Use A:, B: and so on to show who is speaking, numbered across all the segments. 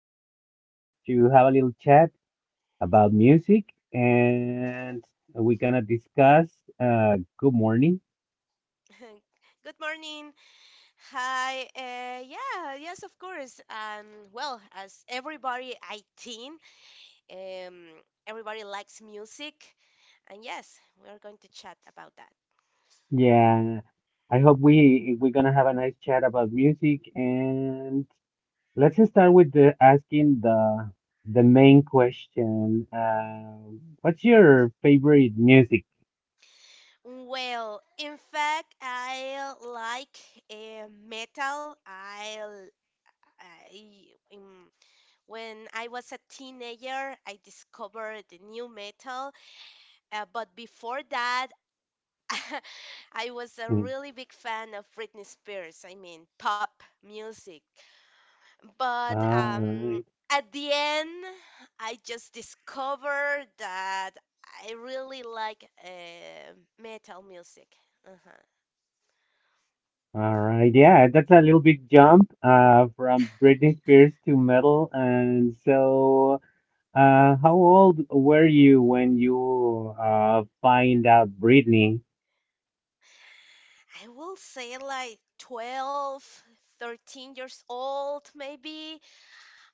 A: are
B: Hi.
A: here to have a little chat about music, and we're gonna discuss. Good morning.
B: Good morning. Hi. Yeah, yes, of course. Well, as everybody I think, um, everybody likes music. And yes, we're going to chat about that.
A: Yeah, I hope we're gonna have a nice chat about music, and let's start with the asking the main question. What's your favorite music?
B: Well, in fact, I like metal. I- um, when I was a teenager, I discovered the new metal. But before that, I was a
A: Hmm.
B: really big fan of Britney Spears. I mean, pop music. But
A: All right.
B: at the end, I just discovered that I really like metal music. Uh-huh.
A: All right, yeah, that's a little big jump from Britney Spears to metal. And so, how old were you when you find out Britney?
B: I will say like 12, 13 years old, maybe.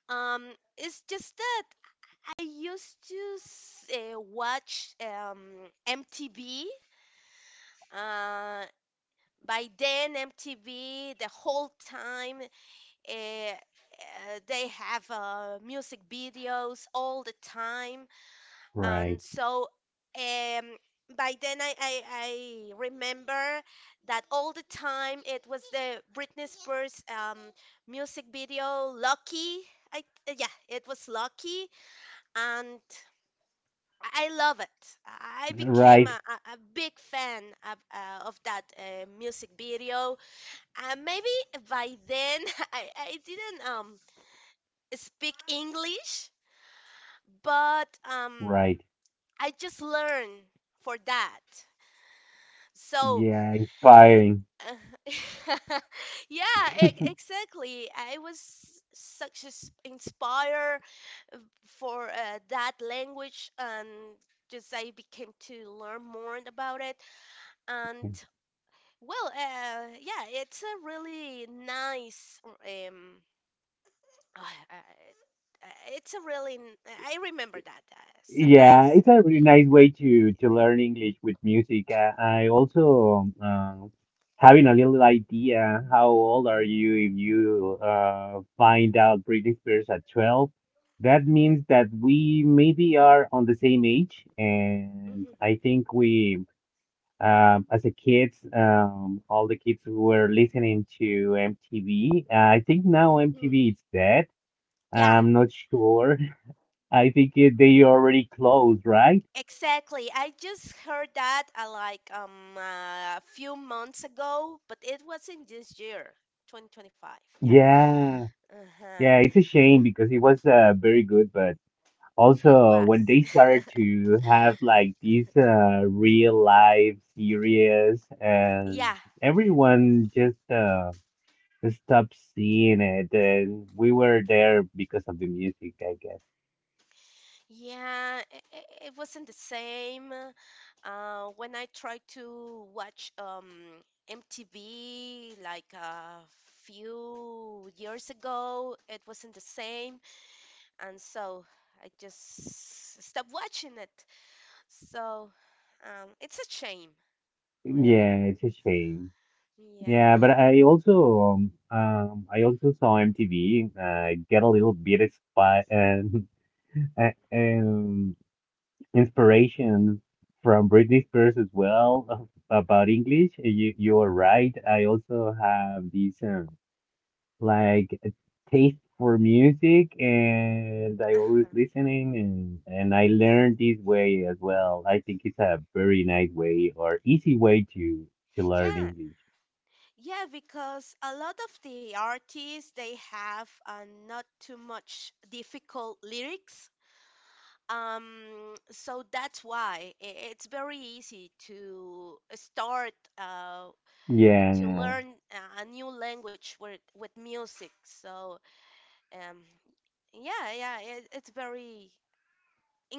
B: Um, it's just that I used to watch MTV. Uh, By then, MTV, the whole time, they have music videos all the time. And
A: Right,
B: so, um, by then, I remember that all the time it was the Britney Spears music video, Lucky. I, yeah, it was Lucky. And I love it. I became
A: right,
B: a big fan of that music video, maybe by then. I didn't speak English, but
A: right.
B: I just learned for that. So,
A: Yeah, inspiring.
B: uh, yeah, exactly. I was such as inspired for that language, and just I became to learn more about it. And well, yeah, it's a really nice. um it's a really n- I remember that. It's a
A: Yeah,
B: nice.
A: it's a really nice way to learn English with music. I also having a little idea. How old are you if you find out Britney Spears at 12? That means that we maybe are on the same age, and
B: Mm-hmm.
A: I think we as a kids, all the kids were listening to MTV. I think now
B: Hmm.
A: MTV is dead.
B: Yeah,
A: I'm not sure. I think they already closed, right?
B: exactly. I just heard that like a few months ago, but it was in this year, 2025. Yeah.
A: Yeah,
B: Uh-huh.
A: yeah, it's a shame because it was very good, but
B: It
A: also when
B: was.
A: they started to have like these real life series, and
B: Yeah.
A: everyone just stopped seeing it, and we were there because of the music, I guess.
B: Yeah, it wasn't the same. When I tried to watch MTV like a few years ago, it wasn't the same. And so I just stopped watching it. So, it's a shame, really.
A: Yeah, it's a shame.
B: Yeah.
A: Yeah, but I also saw MTV get a little bit and um inspirations from Britney
B: Mhm.
A: Spears as well about English. You are right. I also have this like a taste for music, and I always
B: Uh-huh.
A: listening, and I learned this way as well. I think it's a very nice way or easy way to learn
B: Yeah,
A: English.
B: yeah, because a lot of the artists they have not too much difficult lyrics. So that's why it's very easy to start to
A: Yeah.
B: learn a new language with music. So, um, yeah, yeah, it's very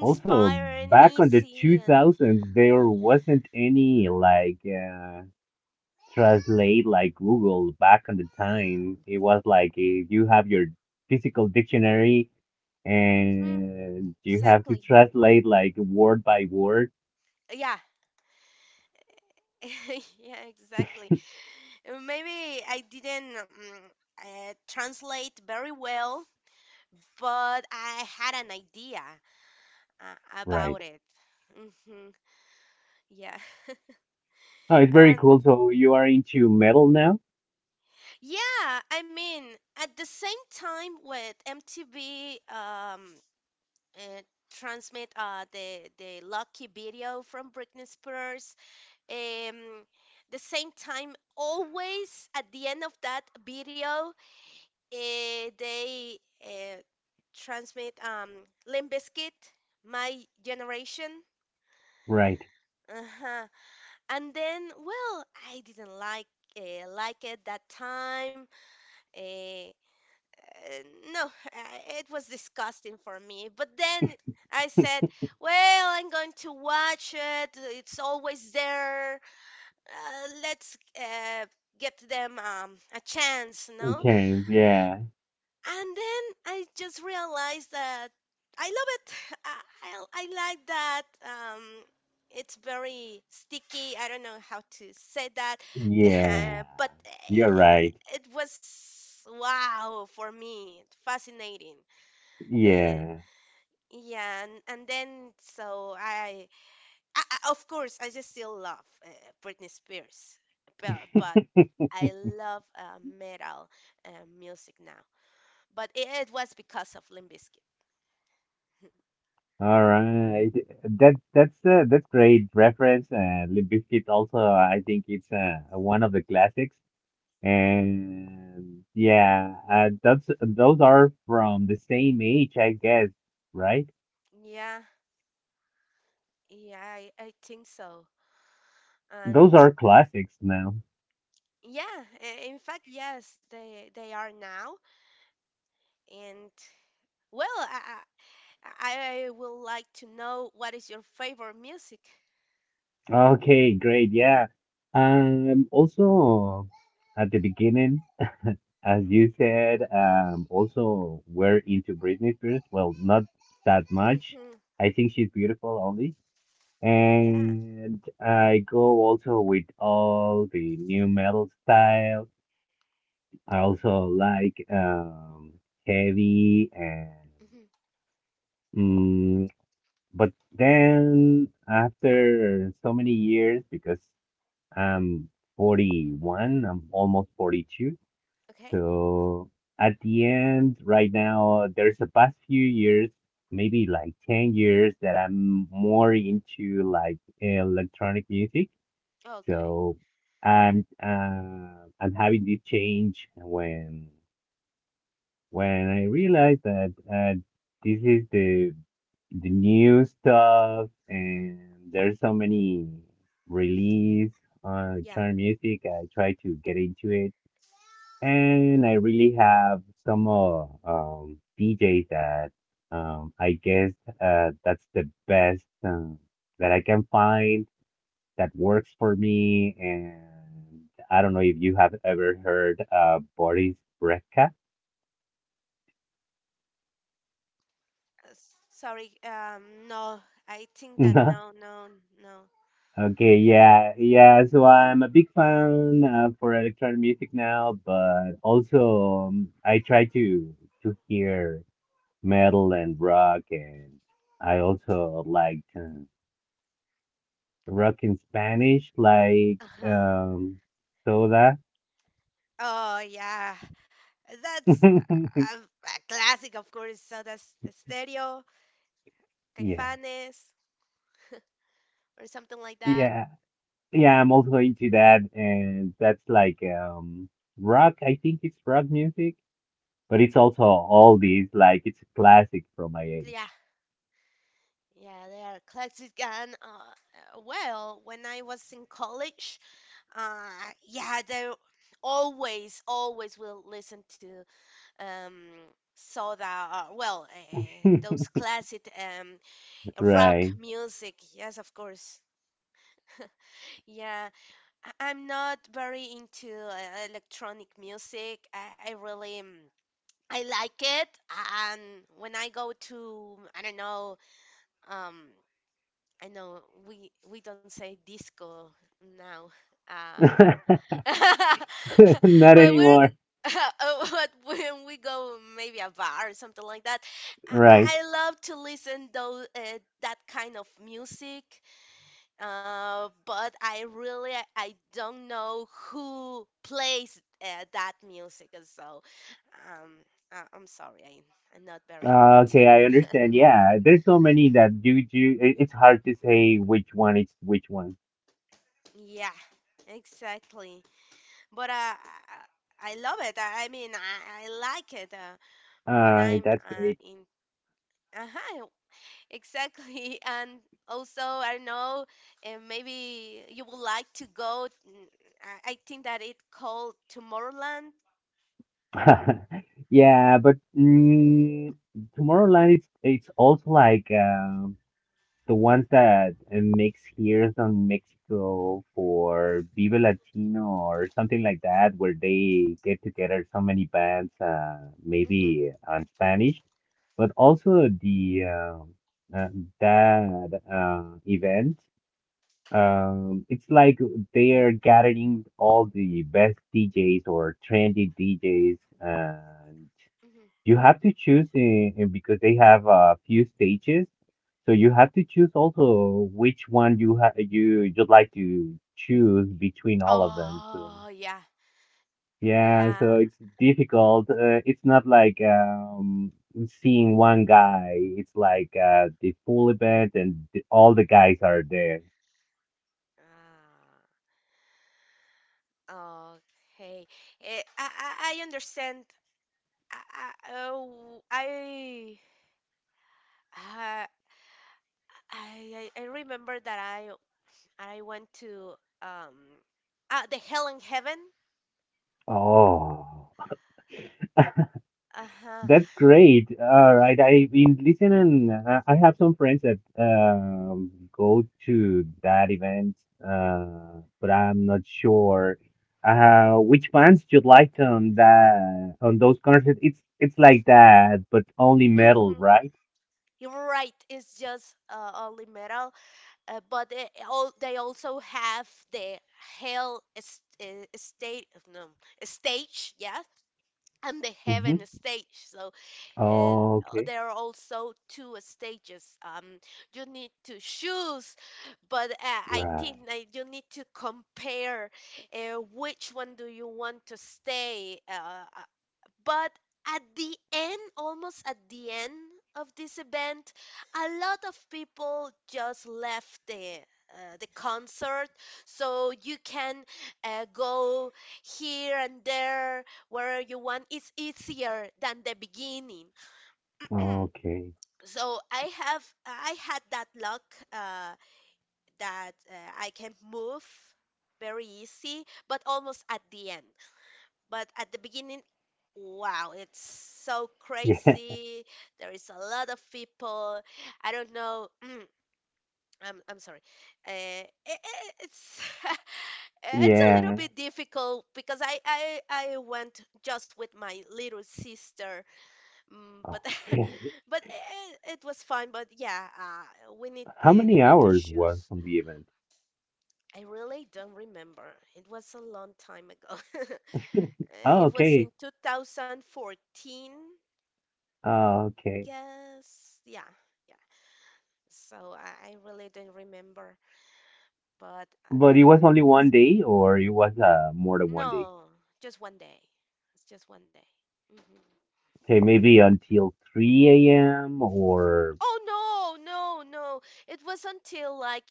A: Also, back on the
B: easy, and.
A: 2000s, there wasn't any like. Translate like Google back on the time. It was like if you have your physical dictionary
B: Hmm.
A: and you have to
B: Exactly.
A: translate like word by word.
B: Yeah, yeah, exactly. Maybe I didn't translate very well, but I had an idea
A: Right.
B: about it. Mm-hmm. Yeah.
A: Oh, it's very
B: And
A: cool. So you are into metal now?
B: yeah, I mean, at the same time with MTV uh, transmit the Lucky video from Britney Spears. um the same time, always at the end of that video, they transmit Limp Bizkit, My Generation.
A: Right.
B: Uh-huh. And then, well, I didn't like, like it that time. Uh, Uh, no, it was disgusting for me. But then I said, well, I'm going to watch it. It's always there. Let's get them a chance, no?
A: Okay, yeah.
B: And then I just realized that I love it. I, I like that. It's very sticky. I don't know how to say that.
A: Yeah.
B: But
A: You're right.
B: it was wow for me, fascinating. Uh,
A: Yeah.
B: yeah, and then so, of course, I just still love Britney Spears, but I love metal uh, music now. But it was because of Limp Bizkit.
A: All right. That's great reference. Limp Bizkit also I think it's one of the classics.
B: Hmm.
A: And yeah, that's those are from the same age, I guess, right?
B: Yeah, yeah, I think so. And
A: Those are classics now.
B: yeah, in fact, yes, they are now. And well, I will like to know what is your favorite music.
A: Okay, great. Yeah. Also at the beginning, as you said, also we're into Britney Spears. Well, not that much.
B: Hmm.
A: I think she's beautiful only.
B: Yeah.
A: And I go also with all the new metal styles. I also like heavy and
B: Hmm.
A: mm, but then after so many years because I'm 41, I'm almost 42.
B: Okay.
A: So at the end right now there's the past few years, maybe like 10 years that I'm more into like electronic music.
B: Okay.
A: So I'm having this change when I realized that this is the new stuff and there's so many release on
B: Yeah.
A: chart music, I try to get into it, and I really have some DJs that I guess that's the best that I can find that works for me and. I don't know if you have ever heard Boris Brejcha.
B: Sorry. No. I think that no, no, no.
A: Okay, yeah, yeah. So I'm a big fan for electronic music now, but also I try to hear metal and rock, and I also like rock in Spanish, like
B: Uh-huh.
A: Soda.
B: Oh, yeah. That's a classic, of course. So that's Stereo,
A: Yeah,
B: Caifanes, or something like that.
A: yeah, yeah. I'm also into that, and that's like rock. I think it's rock music, but it's also all these like it's a classic from my
B: Yeah.
A: age.
B: Yeah, they are classic. And, well, when I was in college, uh, yeah, they always, always will listen to um, Soda, well, those classic rock
A: Right.
B: music, yes, of course. Yeah, I'm not very into electronic music. I really, I like it, and when I go to, I don't know, um, I know we don't say disco now. Uh,
A: Not
B: well, we're
A: anymore.
B: but when we go maybe a bar or something like that, I,
A: Right.
B: I I love to listen though that kind of music. But I really, I don't know who plays that music. So, um, I'm sorry, I'm not very
A: Okay,
B: into.
A: I understand. Yeah, there's so many that do. It's hard to say which one is which one.
B: Yeah, exactly. But I I love it. I mean, I like it when
A: Uh,
B: I'm
A: that's great.
B: in. Uh-huh, exactly. And also, I don't know, maybe you would like to go. I think that it called Tomorrowland.
A: Yeah, but Tomorrowland it's also like the ones that mix here on Mexico for Viva Latino or something like that, where they get together so many bands,
B: Hmm.
A: maybe on Spanish, but also the that event. It's like they are gathering all the best DJs or trendy DJs. Uh,
B: Hmm.
A: you have to choose because they have a few stages. So you have to choose also which one you ha you you'd like to choose between all of them. So
B: Oh, yeah,
A: yeah, so
B: yeah.
A: it's difficult. It's not like seeing one guy. It's like the full event and all the guys are there.
B: Ah, okay. I understand. I, I, oh, uh, I, I remember that I went to um, the Hell in Heaven.
A: Oh.
B: Uh-huh.
A: That's great. All right. I in listen, and I have some friends that go to that event, but I'm not sure which bands you liked on those concerts. It's like that, but only metal,
B: Mm-hmm.
A: right?
B: You're right. It's just only metal, but they also have the Hell State, no, stage. Yeah, and the heaven
A: Mm-hmm.
B: stage. So,
A: Okay.
B: there are also two stages. You need to choose, but I think
A: Right.
B: that you need to compare which one do you want to stay. But at the end, almost at the end of this event, a lot of people just left the concert. So you can go here and there where you want. It's easier than the beginning.
A: Okay.
B: So, I had that luck, uh, that, I can move very easy, but almost at the end. But at the beginning, wow, it's so
A: Yeah.
B: crazy. There is a lot of people. I don't know. I'm sorry. Uh, it's it's a little
A: Yeah.
B: bit difficult because I went just with my little sister. Mm, but
A: Okay.
B: but it was fine. But yeah, we need
A: How
B: you
A: many
B: need to
A: hours was
B: choose.
A: from the event?
B: I really don't remember. It was a long time ago.
A: Oh,
B: It was in
A: okay.
B: 2014, I
A: Okay.
B: guess. Yeah, yeah. So I really don't remember, but
A: But it was only one
B: it's-
A: day, or it was more than one day.
B: no, just 1 day. It's just 1 day. Hmm.
A: Okay, maybe until 3 a.m. or
B: Oh no, no, no! It was until like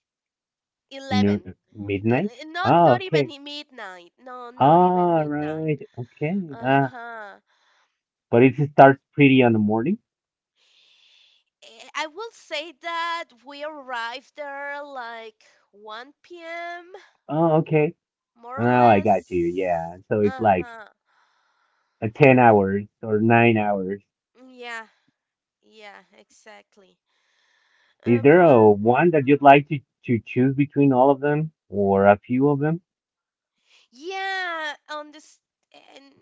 A: noon,
B: 11. I-
A: midnight.
B: I- Not
A: Ah,
B: not even
A: okay.
B: midnight. No, not even
A: All
B: midnight.
A: right. Okay. Ah,
B: Uh-huh.
A: but it starts pretty on the morning.
B: I will say that we arrived there like 1 p.m.,
A: Oh, okay.
B: more or
A: Now I got you.
B: less.
A: Yeah. So it's like
B: Uh-huh.
A: a 10 hours or 9 hours.
B: Yeah, yeah, exactly.
A: Is there
B: But
A: a one that you'd like to choose between all of them or a few of them?
B: yeah, on this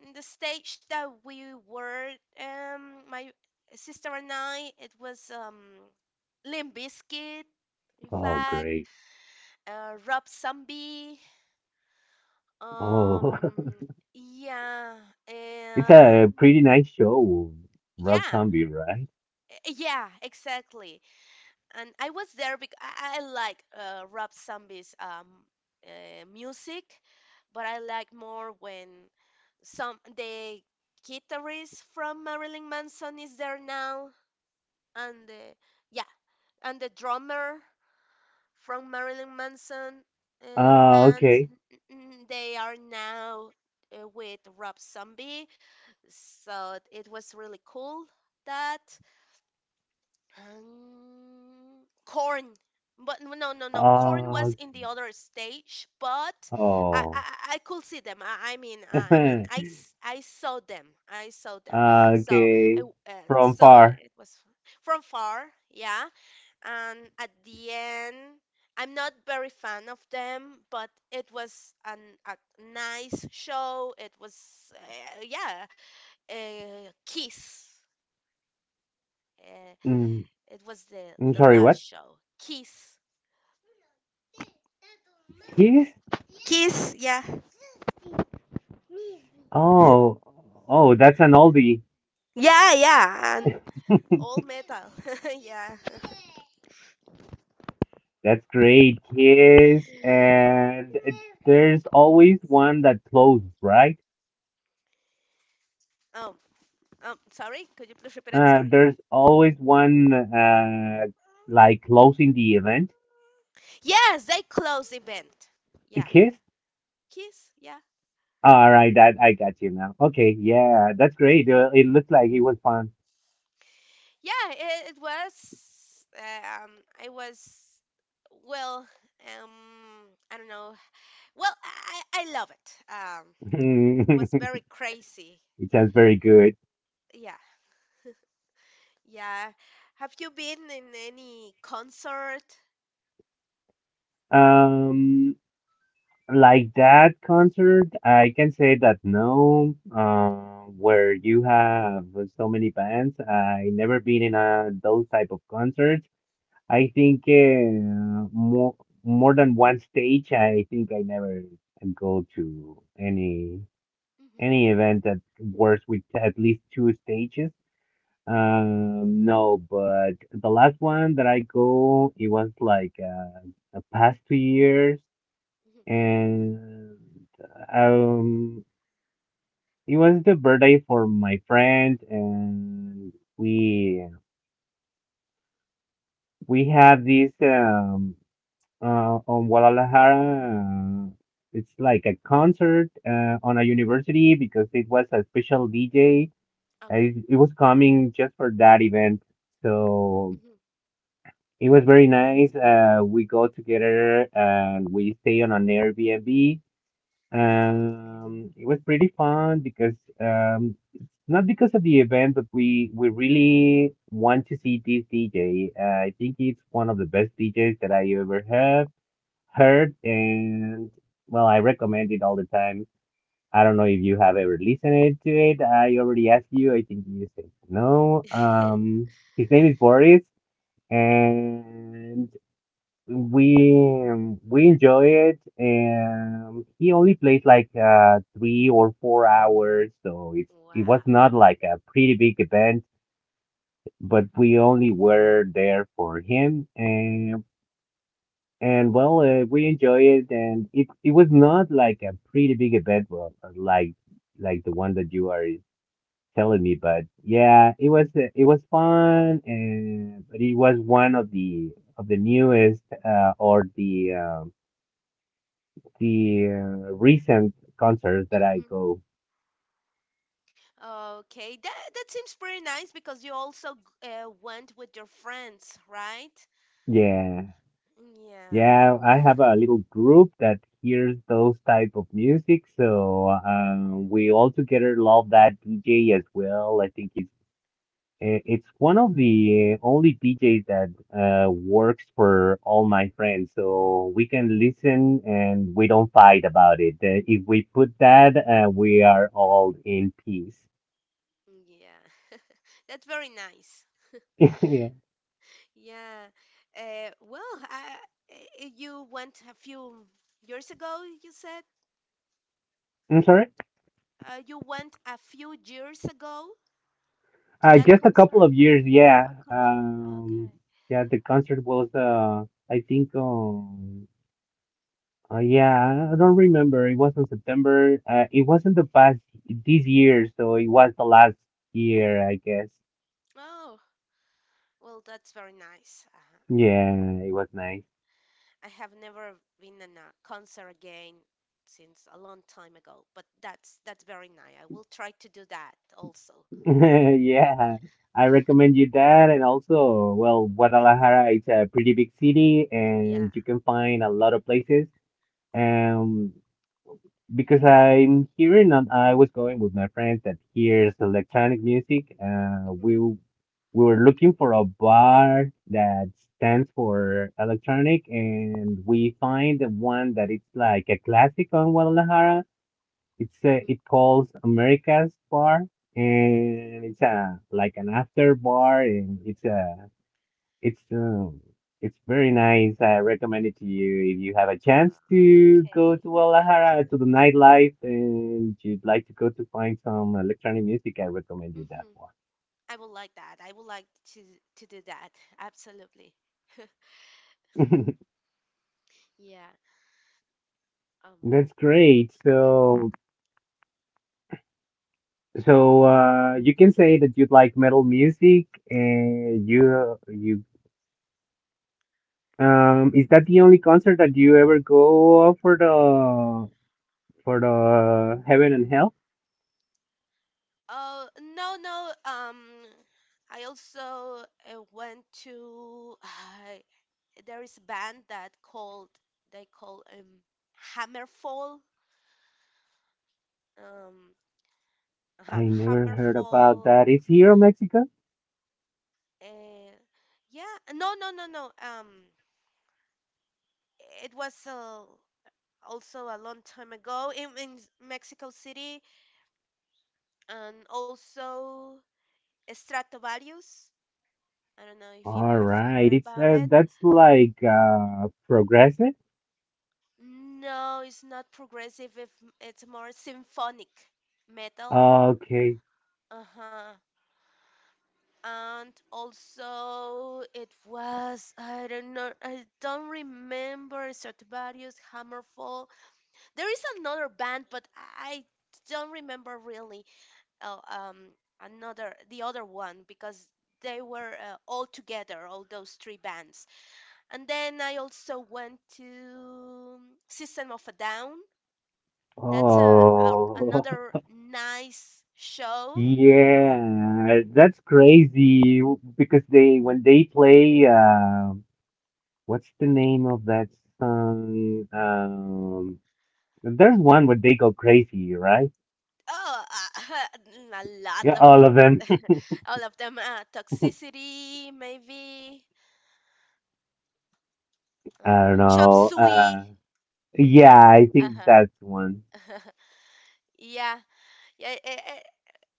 B: in the stage that we were, my sister and I, it was Limp Bizkit, in
A: Oh,
B: fact,
A: great.
B: Rob Zombie,
A: Oh.
B: um, yeah,
A: It's
B: and
A: a pretty nice show, Rob
B: yeah,
A: Zombie, right?
B: yeah, exactly. And I was there because I like Rob Zombie's music, but I like more when some the guitarist from Marilyn Manson is there now, and the, yeah, and the drummer from Marilyn Manson,
A: Uh,
B: band,
A: okay.
B: they are now, with Rob Zombie, so it was really cool that. Corn. But no, no, no, no. Corn
A: Uh,
B: was in the
A: okay.
B: other stage, but I, I,
A: Oh.
B: I could see them. I mean, I saw them. I saw them. So,
A: Okay.
B: and
A: From
B: so
A: far.
B: it was from far, yeah. And at the end, I'm not very fan of them, but it was an a nice show. It was, yeah, a kiss. eh,
A: Mm,
B: it was the
A: I'm
B: the
A: sorry,
B: last
A: what?
B: show. Kiss.
A: Kiss?
B: Kiss, yeah.
A: Oh. Oh, that's an oldie.
B: Yeah, yeah. And all metal. Yeah.
A: That's great, Kiss. And there's always one that closes, right?
B: Um, Sorry, could you please repeat it?
A: Uh,
B: Sorry.
A: there's always one like closing the event.
B: Yes, they closed the event. Yeah.
A: Kiss?
B: Kiss, yeah.
A: All right, that I got you now. Okay, yeah, that's
B: Mm.
A: great. It looked like it was fun.
B: Yeah, it was. I was. Well, um, I don't know. Well, I love it. It was very crazy.
A: It sounds very good.
B: Yeah, yeah. Have you been in any concert?
A: Um, like that concert, I can say that no, where you have so many bands, I never been in a those type of concerts. I think more than one stage. I think I never go to any
B: Mhm,
A: event that works with at least two stages.
B: mm,
A: No, but the last one that I go, it was like the past 2 years,
B: mhm.
A: and um, it was the birthday for my friend, and we have this on Guadalajara. It's like a concert on a university because it was a special DJ.
B: Okay.
A: And it was coming just for that event, so.
B: Mhm.
A: It was very nice. We go together and we stay on an Airbnb.
B: Oh, okay.
A: It was pretty fun because it's not because of the event, but we really want to see this DJ. I think he's one of the best DJs that I ever have heard, and well, I recommend it all the time. I don't know if you have ever listened to it. I already asked you. I think you said no. His name is Boris. And we enjoy it, and he only plays like 3 or 4 hours, so it was
B: Wow.
A: not like a pretty big event, but we only were there for him, and well, we enjoy it, and it was not like a pretty big event, well, like the one that you are telling me, but yeah, it was fun, and but it was one of the newest or the recent concerts that I
B: Mhm.
A: go.
B: Okay, that seems pretty nice because you also went with your friends, right?
A: Yeah,
B: Yeah,
A: yeah, I have a little group that hears those type of music, so we all together love that DJ as well. I think it's one of the only DJs that works for all my friends, so we can listen and we don't fight about it. If we put that, we are all in peace.
B: yeah. That's very nice.
A: Yeah,
B: Yeah. Well, you went a few years ago, you said?
A: I'm sorry.
B: You went a few years ago to
A: Uh,
B: that
A: just a
B: concert?
A: couple of years, yeah. Um,
B: Okay.
A: yeah, the concert was, I think, yeah, I don't remember. It was in September. It wasn't the past this year, so it was the last year, I guess.
B: Oh, well, that's very nice.
A: Yeah, it was nice.
B: I have never been in a concert again since a long time ago, but that's very nice. I will try to do that also.
A: Yeah, I recommend you that. And also, well, Guadalajara, it's a pretty big city,
B: Yeah.
A: and you can find a lot of places. Um, because I'm hearing and I was going with my friends that hears electronic music. Uh,
B: Mhm,
A: we w- we were looking for a bar that stands for electronic, and we find the one that it's like a classic on Guadalajara. It's
B: mhm.
A: it calls America's Bar, and it's a like an after bar, and it's a it's it's very nice. I recommend it to you if you have a chance to go
B: Okay.
A: to
B: Thank
A: Guadalajara to
B: you.
A: the nightlife and you'd like to go to find some electronic music. I recommend you that
B: Hmm. I would like that. I would like to do that. Absolutely.
A: one.
B: Yeah. Um,
A: That's great. So you can say that you like metal music and you is that the only concert that you ever go for the Heaven and Hell?
B: Oh, no, no. I also went to. I There is a band that called, they call, Hammerfall. Um,
A: I never heard about
B: Hammerfall.
A: that. Is here in Mexico?
B: Uh, yeah. No, no, no, no. It was also a long time ago in Mexico City, and also Stratovarius. I don't know if you
A: All
B: have
A: right,
B: heard
A: it's
B: about it.
A: that's like progressive.
B: No, it's not progressive. If It's more symphonic metal.
A: Okay.
B: Uh-huh. And also it was, I don't remember Stratovarius, Hammerfall. There is another band, but I don't remember really, uh, um another the other one, because they were all together, all those three bands. And then I also went to um, System of a Down. That's a
A: Oh,
B: another nice show.
A: yeah, that's crazy because they when they play what's the name of that song? There's one where they go crazy, right?
B: Oh, a lot
A: Yeah,
B: of,
A: all of them.
B: all of them. Toxicity, maybe.
A: I don't
B: Chop
A: know.
B: suey,
A: Uh,
B: like.
A: yeah, I think that's
B: Uh-huh.
A: one.
B: Yeah, yeah. It,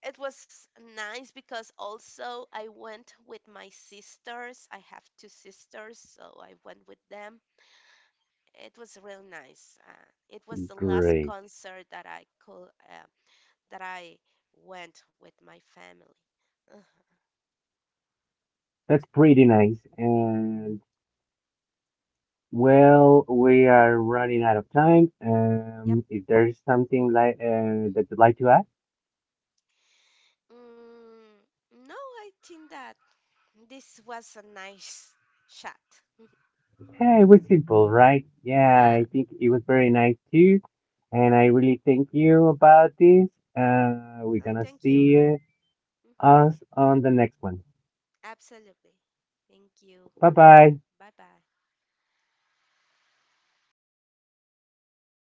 B: it was nice because also I went with my sisters. I have two sisters, so I went with them. It was real nice. It was the last
A: Great.
B: concert that I could that I went with my family. Uh,
A: That's pretty nice. And. Well, we are running out of time.
B: yep.
A: If there's something like that you'd like to ask,
B: Mm, no, I think that this was a nice shot.
A: hey, it was simple, right? Yeah,
B: Yeah.
A: I think it was very nice too, and I really thank you about this. We're
B: Oh,
A: gonna
B: thank you.
A: see
B: Mhm.
A: us on the next one.
B: Absolutely. Thank you.
A: Bye bye.
B: Bye bye.